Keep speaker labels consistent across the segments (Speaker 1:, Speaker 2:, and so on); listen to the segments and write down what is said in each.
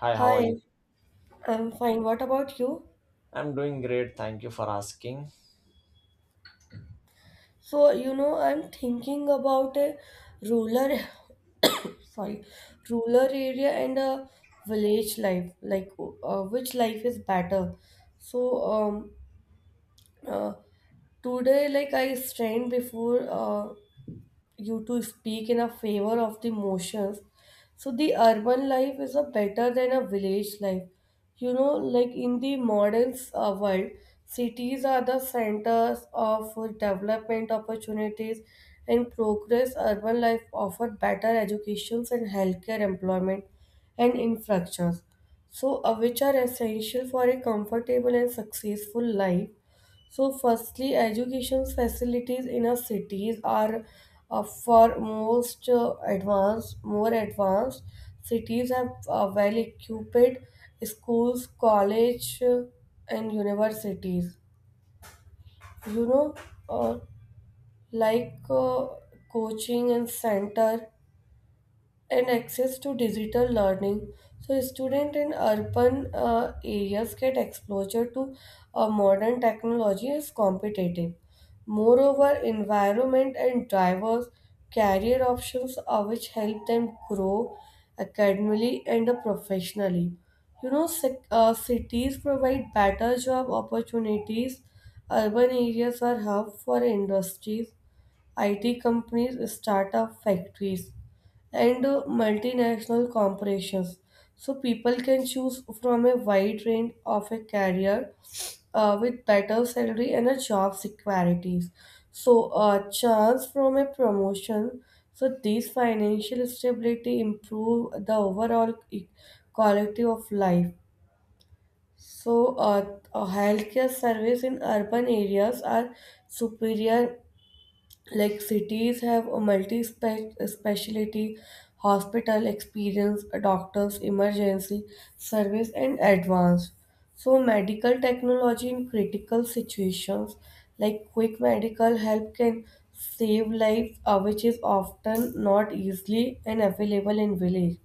Speaker 1: Hi, how are you?
Speaker 2: Hi, I'm fine. What about you?
Speaker 1: I'm doing great. Thank you for asking.
Speaker 2: So, I'm thinking about a rural, sorry, rural area and a village life, like which life is better. So, um, uh, Today, like I stand before you to speak in a favor of the motions. So the urban life is a better than a village life. You know, like in the modern world, cities are the centers of development opportunities and progress. Urban life offer better educations and healthcare, employment, and infrastructures. So, which are essential for a comfortable and successful life. So, firstly, education facilities in our cities are for most more advanced cities have well equipped schools, college, and universities. You know, uh, like uh, coaching and center and access to digital learning. So, students in urban areas get exposure to modern technology is competitive. Moreover, environment and drivers career options are which help them grow academically and professionally. You know, cities provide better job opportunities. Urban areas are hub for industries, IT companies, startup factories and multinational corporations. So people can choose from a wide range of a career with better salary and a job securities. So a chance from a promotion. So these financial stability improve the overall quality of life. So healthcare service in urban areas are superior, like cities have a multi specialty hospital experience a doctors emergency service and advanced, so medical technology in critical situations like quick medical help can save lives which is often not easily and available in village.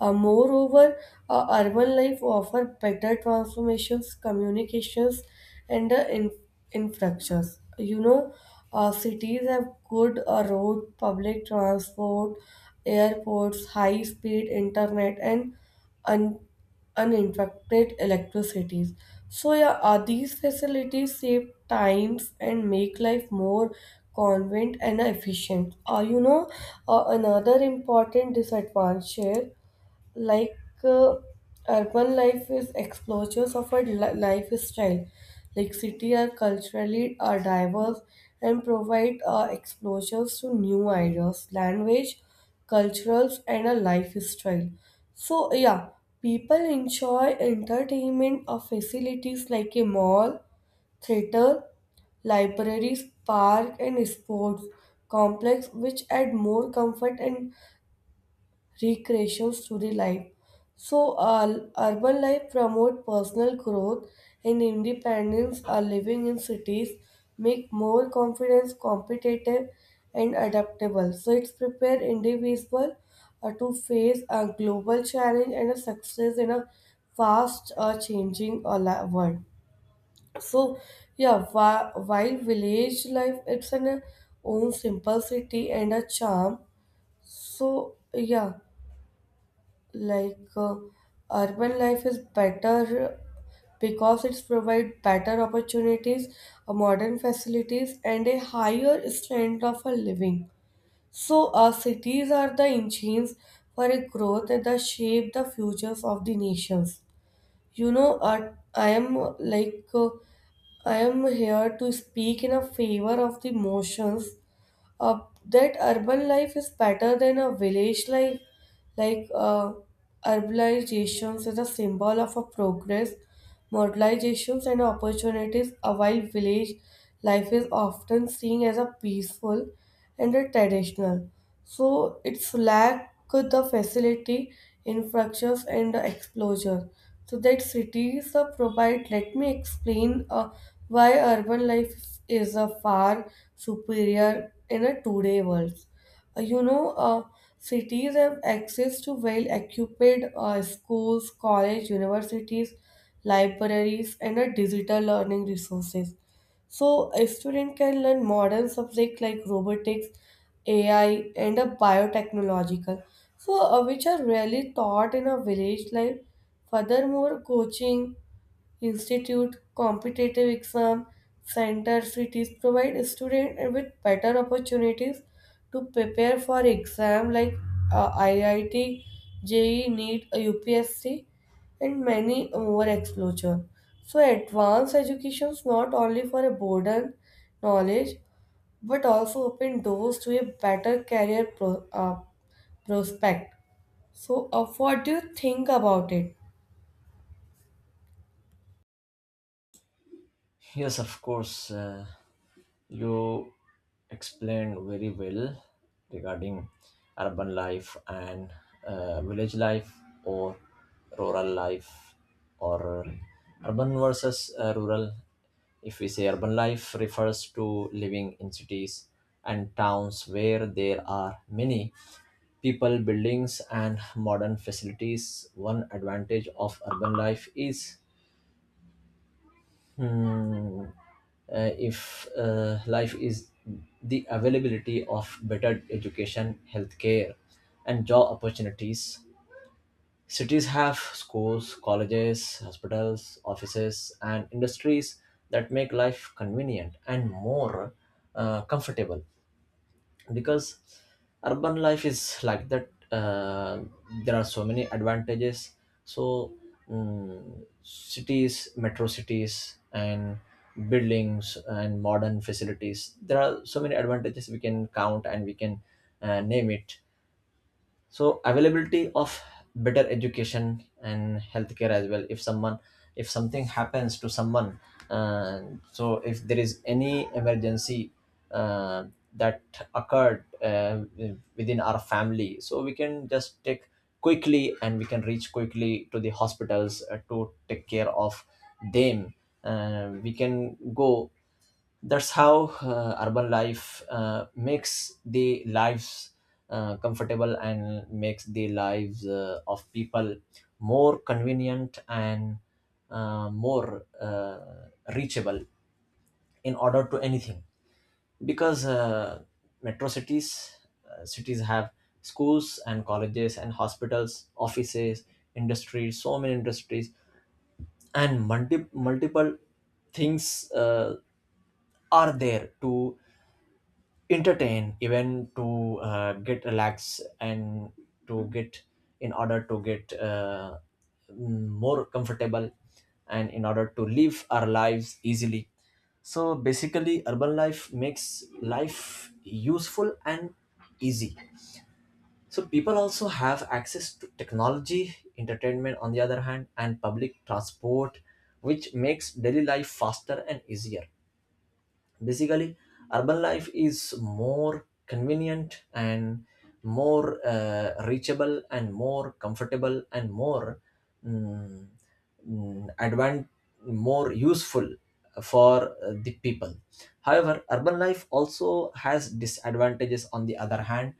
Speaker 2: Moreover, urban life offers better transformations, communications, and infrastructures. You know, cities have good road, public transport, airports, high-speed internet, and un- uninterrupted electricities. So yeah, these facilities save times and make life more convenient and efficient. You know, another important disadvantage like uh, urban life is explorers of a lifestyle, like city are culturally diverse and provide exposures to new ideas, language, cultures and a lifestyle. So yeah, people enjoy entertainment facilities like a mall, theater, libraries, park and sports complex, which add more comfort and recreations to the life. So, urban life promote personal growth and independence. Are living in cities make more confidence, competitive, and adaptable. So, it's prepare individual to face a global challenge and a success in a fast changing world. So, yeah, while village life, it's an own simplicity and a charm. So, yeah, like uh, urban life is better because it's provide better opportunities, modern facilities and a higher standard of a living. So cities are the engines for a growth that shape the futures of the nations. You know, I am here to speak in a favor of the motions uh, that urban life is better than a village life. Like urbanization is a symbol of a progress, modernizations and opportunities, while village life is often seen as a peaceful and the traditional. So it's lack the facility, infrastructures and the exposure. So that cities provide, let me explain why urban life is a far superior in a today world. You know, cities have access to well-equipped schools, college, universities, libraries, and digital learning resources. So a student can learn modern subjects like robotics, AI, and a biotechnological, so which are rarely taught in a village life. Furthermore, coaching institute, competitive exam centers, cities provide student with better opportunities to prepare for exam like IIT, JEE, NEET, UPSC, and many more exposure. So advanced education is not only for a broaden knowledge, but also open doors to a better career prospect. So, what do you think about it?
Speaker 1: Yes, of course. You explained very well regarding urban life and village life or rural life or urban versus rural. If we say urban life refers to living in cities and towns where there are many people, buildings, and modern facilities. One advantage of urban life is Hmm. If life is the availability of better education, healthcare, and job opportunities. Cities have schools, colleges, hospitals, offices, and industries that make life convenient and more comfortable, because urban life is like that. There are so many advantages. So cities, metro cities and buildings and modern facilities, there are so many advantages we can count and we can name it. So availability of better education and healthcare as well. If someone, if something happens to someone uh, so if there is any emergency uh, that occurred within our family, so we can just take quickly and we can reach quickly to the hospitals to take care of them. We can go. That's how urban life makes the lives comfortable and makes the lives of people more convenient and more reachable in order to anything. Because metro cities, cities have schools and colleges and hospitals, offices, industries, so many industries and multiple things are there to entertain, even to get relaxed and to get, in order to get more comfortable and in order to live our lives easily. So basically urban life makes life useful and easy. So people also have access to technology, entertainment on the other hand, and public transport, which makes daily life faster and easier. Basically urban life is more convenient and more reachable and more comfortable and more mm, mm, advan- more useful for the people. However, urban life also has disadvantages on the other hand.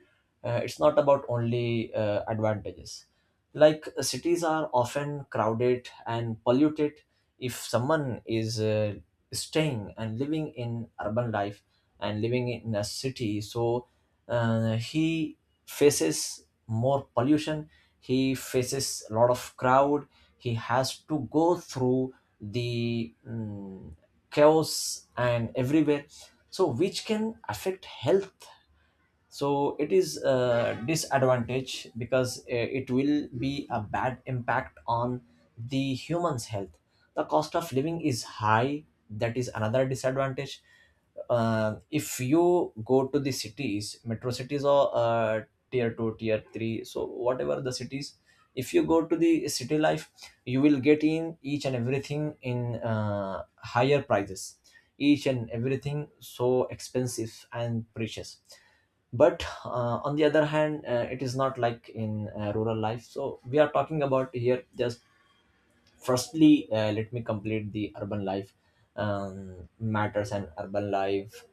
Speaker 1: It's not about only advantages. Like cities are often crowded and polluted. If someone is staying and living in urban life and living in a city, so he faces more pollution, he faces a lot of crowd, he has to go through the chaos and everywhere, so which can affect health. So it is a disadvantage, because it will be a bad impact on the human's health. The cost of living is high. That is another disadvantage. If you go to the cities, metro cities, or tier 2, tier 3, so whatever the cities, if you go to the city life, you will get in each and everything in higher prices. Each and everything so expensive and precious. But on the other hand, it is not like in rural life. So we are talking about here just, firstly, let me complete the urban life matters and urban life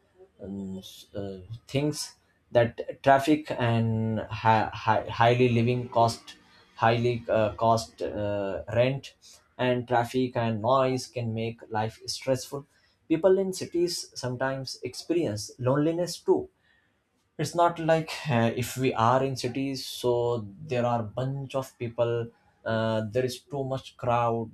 Speaker 1: um, s- uh, things. That traffic and highly living cost, highly cost, rent and traffic and noise can make life stressful. People in cities sometimes experience loneliness too. It's not like if we are in cities, so there are bunch of people, there is too much crowd,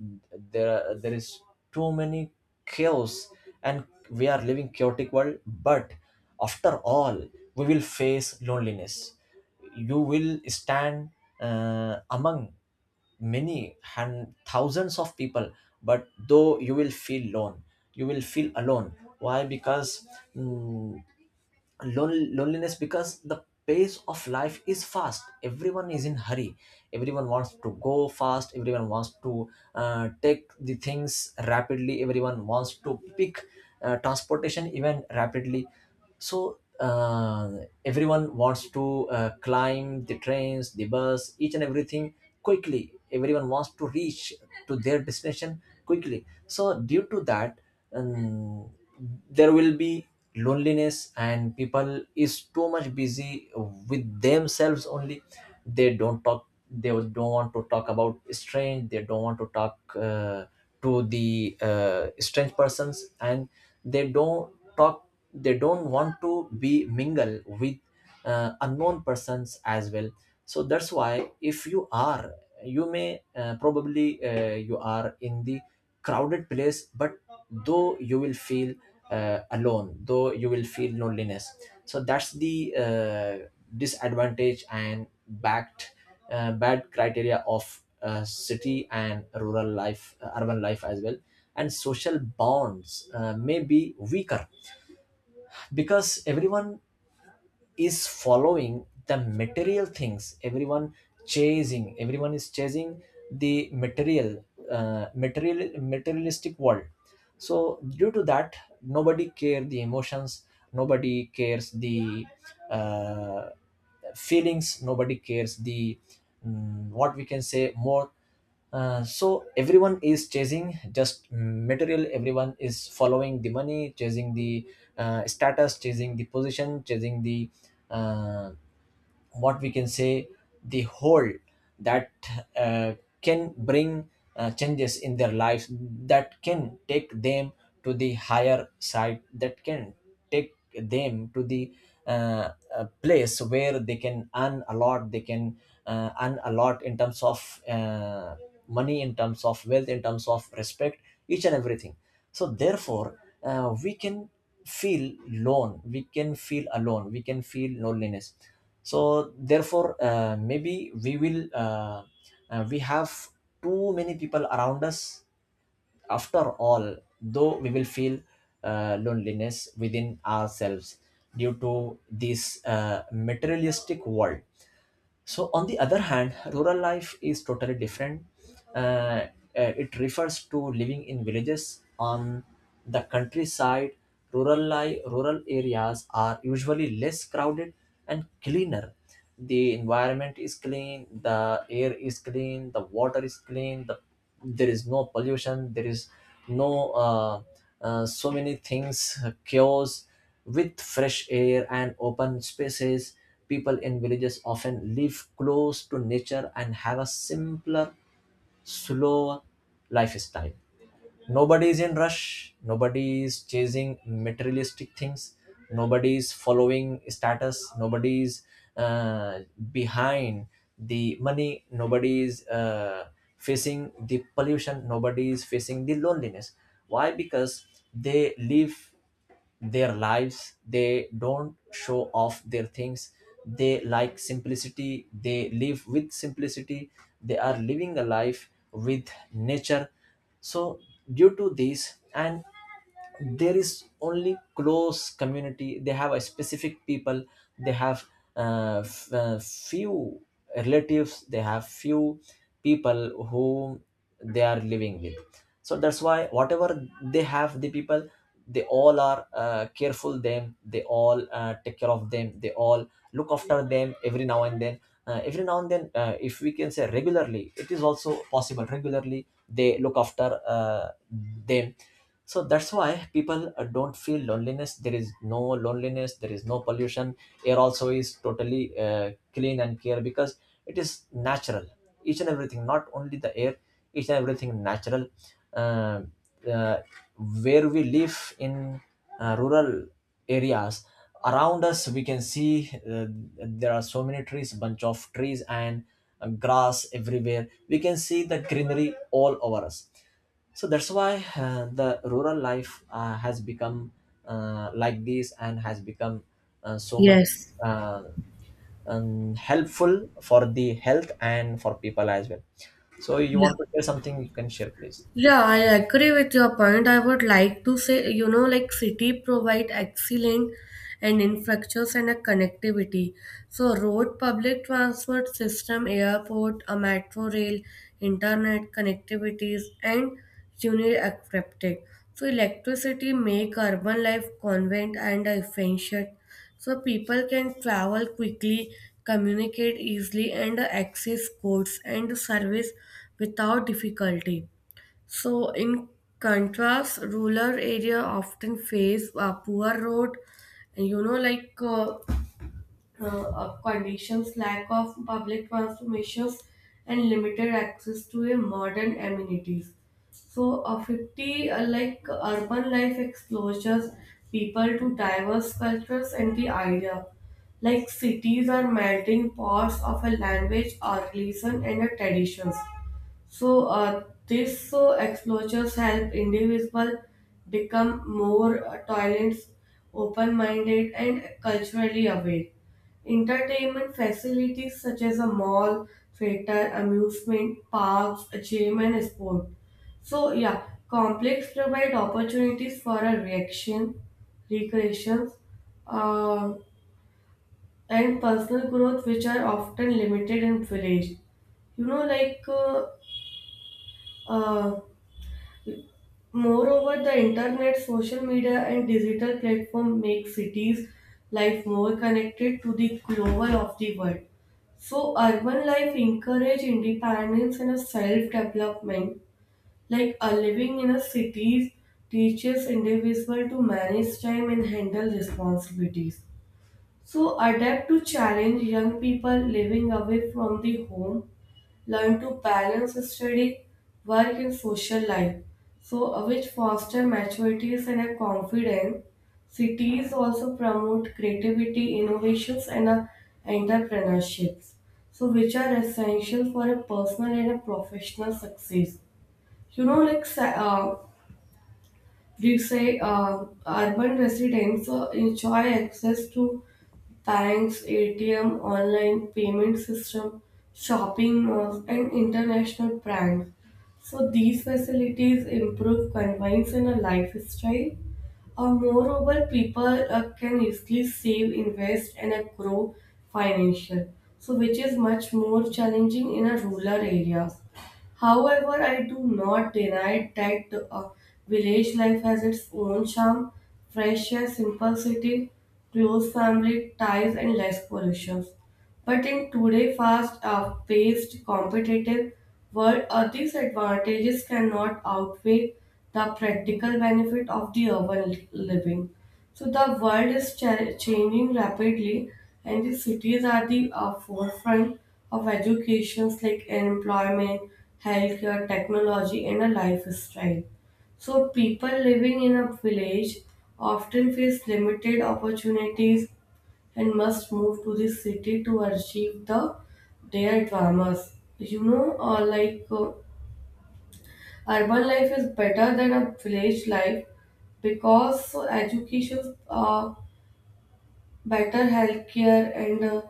Speaker 1: there is too many chaos and we are living chaotic world. But after all, we will face loneliness. You will stand among many and thousands of people, but though you will feel alone. You will feel alone. Why? Because mm, loneliness, because the pace of life is fast, everyone is in hurry, everyone wants to go fast, everyone wants to take the things rapidly, everyone wants to pick transportation even rapidly. So everyone wants to climb the trains, the bus, each and everything quickly, everyone wants to reach to their destination quickly. So due to that, um, there will be loneliness and people is too much busy with themselves only. They don't talk, they don't want to talk about strange, they don't want to talk to the strange persons and they don't talk, they don't want to be mingle with unknown persons as well. So that's why, if you are, you may probably you are in the crowded place, but though you will feel alone, though you will feel loneliness. So that's the disadvantage and backed, bad criteria of city and rural life, urban life as well. And social bonds may be weaker, because everyone is following the material things, everyone chasing, everyone is chasing the material, materialistic world. So due to that, nobody care the emotions, nobody cares the uh, feelings, nobody cares the what we can say more. So everyone is chasing just material, everyone is following the money, chasing the status, chasing the position, chasing the uh, what we can say, the whole that uh, can bring changes in their lives, that can take them to the higher side, that can take them to the place where they can earn a lot, they can earn a lot in terms of money, in terms of wealth, in terms of respect, each and everything. So therefore we can feel lone, we can feel alone, we can feel loneliness. So therefore maybe we will we have too many people around us. After all, though we will feel loneliness within ourselves, due to this materialistic world. So, on the other hand, rural life is totally different. Uh, uh, it refers to living in villages on the countryside. Rural life, rural areas are usually less crowded and cleaner. The environment is clean, the air is clean, the water is clean, the, there is no pollution, there is no so many things cures, with fresh air and open spaces. People in villages often live close to nature and have a simpler, slower lifestyle. Nobody is in rush. Nobody is chasing materialistic things. Nobody is following status. Nobody is uh, behind the money. Nobody is facing the pollution. Nobody is facing the loneliness. Why? Because they live their lives, they don't show off their things, they like simplicity, they live with simplicity, they are living a life with nature. So due to this, and there is only close community, they have a specific people, they have few relatives, they have few people who they are living with. So that's why, whatever they have, the people, they all are careful them, they all take care of them, they all look after them every now and then. Every now and then, if we can say regularly, it is also possible, regularly they look after them. So that's why people don't feel loneliness, there is no loneliness, there is no pollution. Air also is totally clean and clear, because it is natural. Each and everything, not only the air, each and everything natural. uh, uh, where we live in rural areas, around us we can see there are so many trees, bunch of trees and grass, everywhere we can see the greenery all over us. So that's why the rural life has become like this and has become so much
Speaker 2: Yes.
Speaker 1: uh, helpful for the health and for people as well. So you want to share something, you can share, please.
Speaker 2: Yeah, I agree with your point. I would like to say, you know, like city provide excellent and infrastructures and a connectivity. So road, public transport system, airport, a metro rail, internet connectivities, and uniaccepted. So electricity make urban life convenient and efficient. So people can travel quickly, communicate easily, and access goods and service without difficulty. So, in contrast, rural area often face poor road, and conditions, lack of public transformations, and limited access to a modern amenities. So, 50 like urban life exposures people to diverse cultures and the idea. Like cities are melting pots of a language, or religion, and a traditions, so these exposures help individual become more tolerant, open-minded, and culturally aware. Entertainment facilities such as a mall, theater, amusement parks, a gym, and sport. So yeah, complex provide opportunities for a reaction, recreations, uh, and personal growth, which are often limited in village. You know, like. uh, moreover, the internet, social media, and digital platform make cities' life more connected to the global of the world. So, urban life encourage independence and self-development. Like a living in a cities teaches individual to manage time and handle responsibilities. So, adapt to challenge young people living away from the home learn to balance study, work, and social life, so which foster maturities and a confidence. Cities also promote creativity, innovations, and entrepreneurships, so which are essential for a personal and a professional success. You know, like we say, urban residents enjoy access to banks, ATM, online payment system, shopping malls, and international brands. So these facilities improve convenience and a lifestyle. Moreover, people can easily save, invest, and grow financial. So which is much more challenging in a rural areas. However, I do not deny that village life has its own charm, fresh air, simplicity, close family ties, and less pollution. But in today's fast paced, competitive world, these advantages cannot outweigh the practical benefit of the urban living. So the world is changing rapidly, and the cities are the forefront of educations like employment, healthcare, technology, and a lifestyle. So people living in a village often face limited opportunities and must move to the city to achieve the their dreams. You know, urban life is better than a village life because education better healthcare and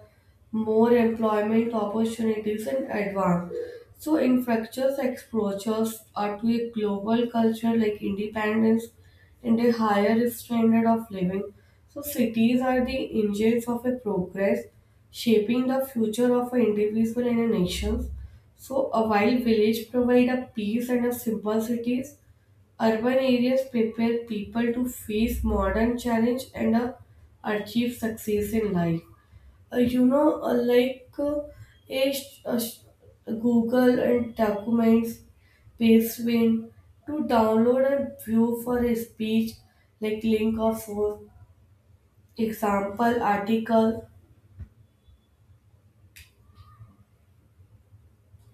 Speaker 2: more employment opportunities in advance. So, in fractures, exposures are to a global culture like independence and a higher standard of living. So, cities are the engines of a progress, shaping the future of an individual and a nation. So, a while village provide a peace and a simple cities. Urban areas prepare people to face modern challenge and achieve success in life. You know, a sh- a sh- Google and documents, Pastebin to download and view for a speech, like link of source, example article,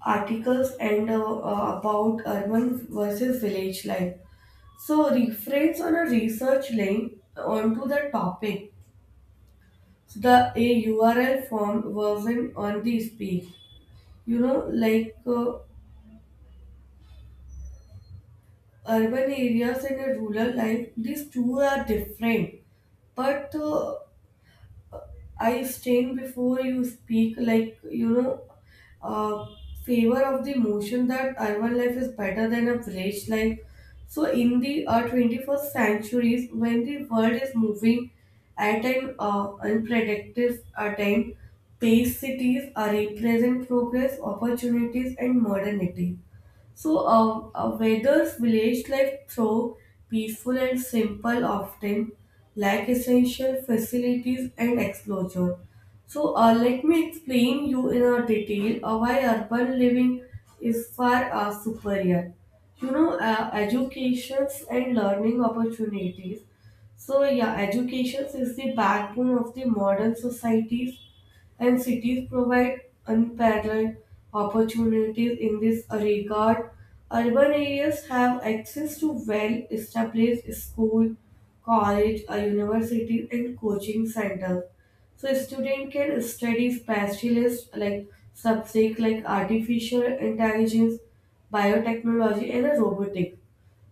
Speaker 2: articles and about urban versus village life. So reference on a research link onto the topic. So the a URL form version on this page. You know, urban areas and a rural life, these two are different. But I stand before you speak, like, you know, uh, favor of the motion that urban life is better than a village life. So, in the 21st centuries, when the world is moving at an unpredictable time, pace cities represent progress, opportunities, and modernity. So, whether village life, though peaceful and simple, often lack essential facilities and exposure. So, let me explain you in a detail why urban living is far superior. You know, educations and learning opportunities. So, yeah, education is the backbone of the modern societies and cities provide unparalleled opportunities in this regard. Urban areas have access to well established school, college, universities, and coaching centers. So student can study specialist like subject like artificial intelligence, biotechnology, and robotics.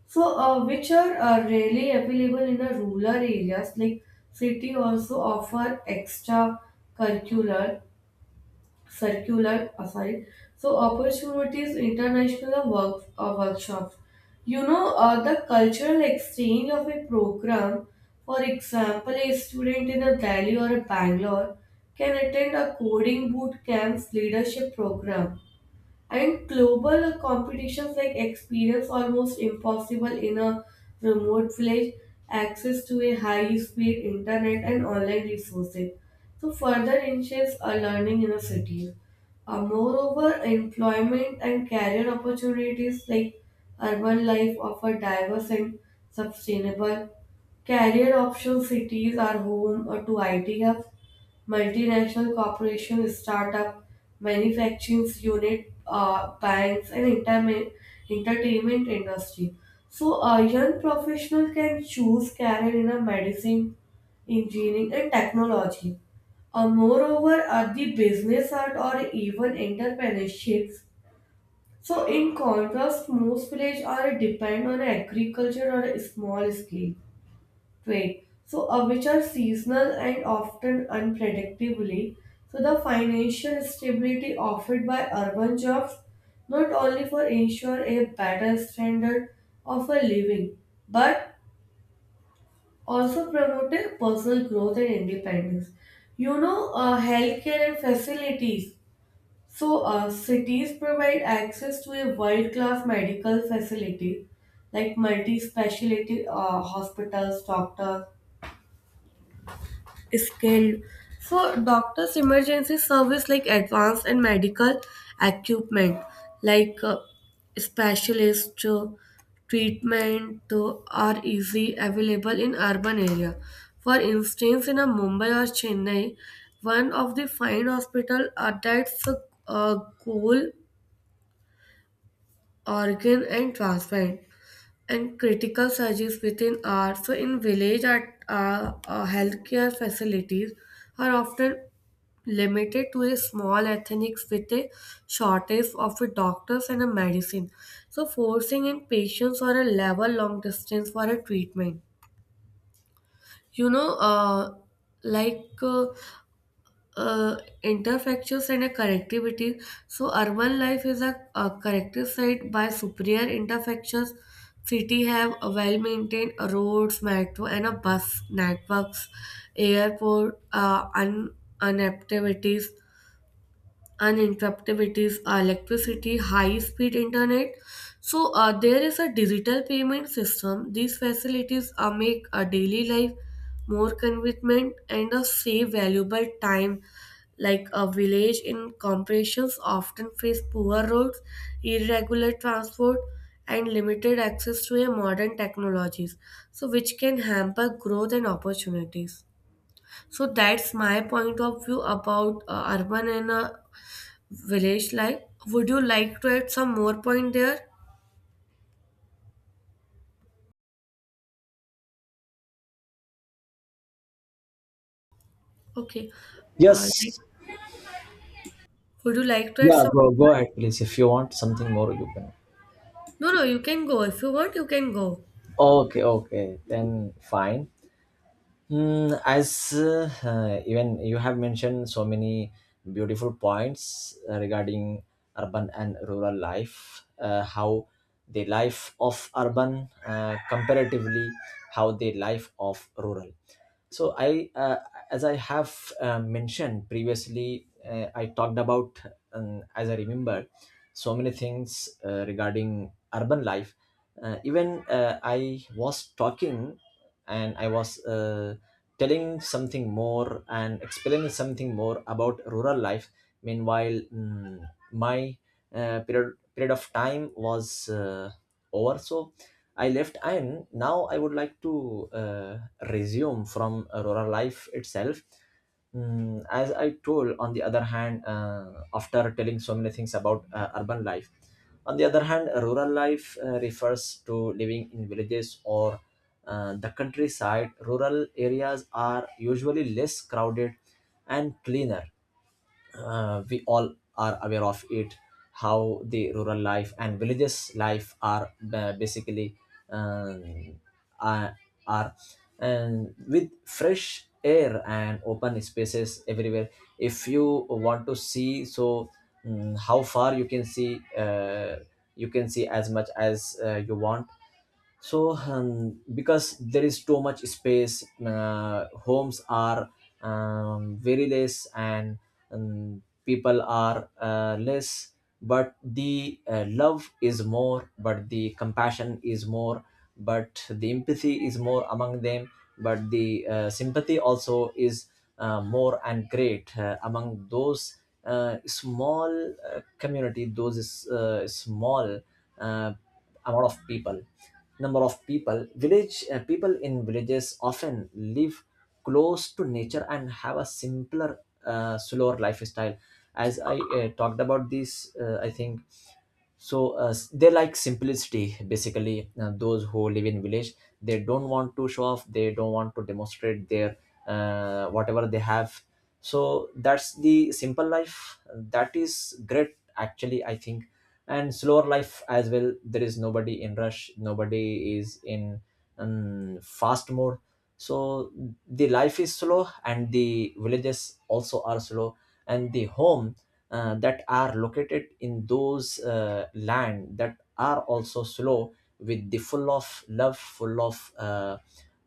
Speaker 2: So, which are really available in the rural areas, like city also offer extra curricular, circular, sorry, so opportunities, international work, workshops. You know, the cultural exchange of a program, for example, a student in a Delhi or a Bangalore can attend a coding boot camps leadership program and global competitions like experience almost impossible in a remote village, access to a high speed internet and online resources. So further ensures a learning in a city. Moreover, employment and career opportunities like urban life offer diverse and sustainable career options, cities are home or to IT hubs, multinational corporations, startup, manufacturing unit, banks, and entertainment industry. So a young professional can choose career in a medicine, engineering, and technology. Moreover, are the business art or even entrepreneurships. So, in contrast, most villages are depend on agriculture or a small scale trade, so which are seasonal and often unpredictably. So the financial stability offered by urban jobs not only for ensure a better standard of a living, but also promoted personal growth and independence. You know, healthcare and facilities. So, cities provide access to a world-class medical facility like multi-specialty hospitals, doctors, skilled. So doctors, emergency service like advanced and medical equipment like specialist treatment are easy available in urban area. For instance, in a Mumbai or Chennai, one of the fine hospital are that's a goal organ and transplant and critical surgeries within hours. So in village, at healthcare facilities are often limited to a small ethnics with a shortage of a doctors and a medicine. So forcing in patients or a level long distance for a treatment. You know, like uh, uh, interfactures and a connectivity. So urban life is a connected site by superior interfactures. City have a well-maintained roads, metro, and a bus networks, airport, unactivities uninterruptibilities, electricity, high-speed internet. So there is a digital payment system. These facilities make a daily life more convenient and save valuable time. Like a village in corporations often face poor roads, irregular transport, and limited access to a modern technologies, so which can hamper growth and opportunities. So that's my point of view about urban and village life. Would you like to add some more point there? Okay. Like,
Speaker 1: Yes.
Speaker 2: would you like to add
Speaker 1: Yeah,
Speaker 2: some?
Speaker 1: go, go ahead please, if you want something more you can.
Speaker 2: No, no, you can go. If you want, you can go.
Speaker 1: Okay, okay, then fine. As even you have mentioned so many beautiful points regarding urban and rural life, how the life of urban comparatively, how the life of rural. So as I have mentioned previously, I talked about, as I remember so many things regarding urban life. Even I was talking and I was telling something more and explaining something more about rural life. Meanwhile, my period of time was over, so I left. And now I would like to resume from rural life itself. As I told, on the other hand, after telling so many things about urban life. On the other hand, rural life refers to living in villages or the countryside. Rural areas are usually less crowded and cleaner. We all are aware of it, how the rural life and villages life are basically um, are, are, and with fresh air and open spaces everywhere. If you want to see, so how far you can see, you can see as much as you want. So because there is too much space, homes are very less, and people are less, but the love is more, but the compassion is more, but the empathy is more among them, but the sympathy also is more and great among those small community, those small uh, amount of people, number of people, village people in villages often live close to nature and have a simpler, slower lifestyle, as I talked about this, I think. So they like simplicity. Basically those who live in village, they don't want to show off, they don't want to demonstrate their whatever they have. So that's the simple life, that is great actually, I think. And slower life as well. There is nobody in rush, nobody is in fast mode. So the life is slow and the villages also are slow, and the home that are located in those land, that are also slow, with the full of love, full of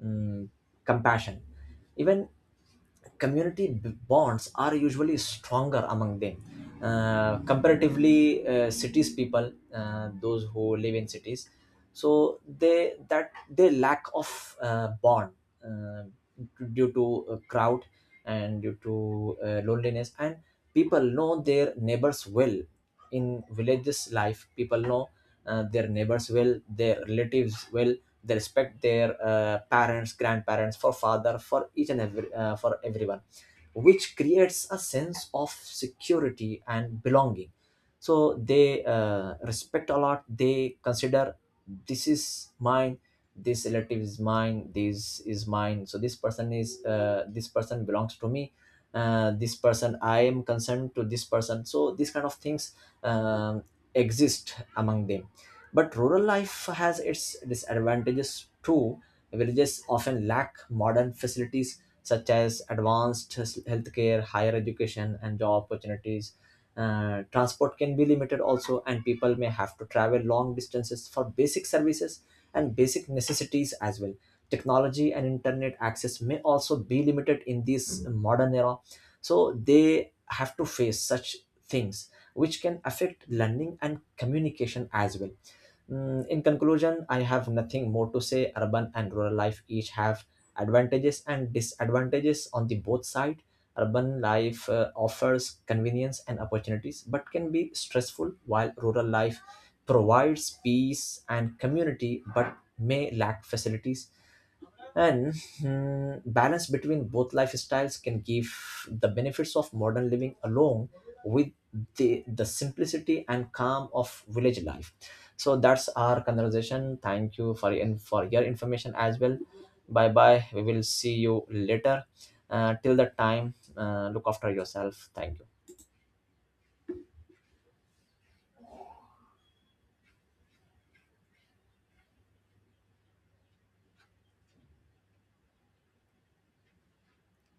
Speaker 1: mm, compassion. Even community bonds are usually stronger among them, comparatively cities people, those who live in cities, so they, that they lack of bond uh, due to a crowd and due to loneliness. And people know their neighbors well, in villages life people know their neighbors well, their relatives well. They respect their parents, grandparents, for father, for each and every, for everyone, which creates a sense of security and belonging. So they respect a lot, they consider, this is mine, this relative is mine, this is mine, so this person is, this person belongs to me, this person I am concerned to, this person, so these kind of things um, exist among them. But rural life has its disadvantages too. Villages often lack modern facilities such as advanced healthcare, higher education, and job opportunities. Transport can be limited also, and people may have to travel long distances for basic services and basic necessities as well. Technology and internet access may also be limited in this modern era, so they have to face such things, which can affect learning and communication as well. In conclusion, I have nothing more to say. Urban and rural life each have advantages and disadvantages on the both side. Urban life offers convenience and opportunities, but can be stressful, while rural life provides peace and community, but may lack facilities and balance between both lifestyles can give the benefits of modern living along with the simplicity and calm of village life. So that's our conversation. Thank you for, and for your information as well. Bye bye. We will see you later. Till that time, look after yourself. Thank you.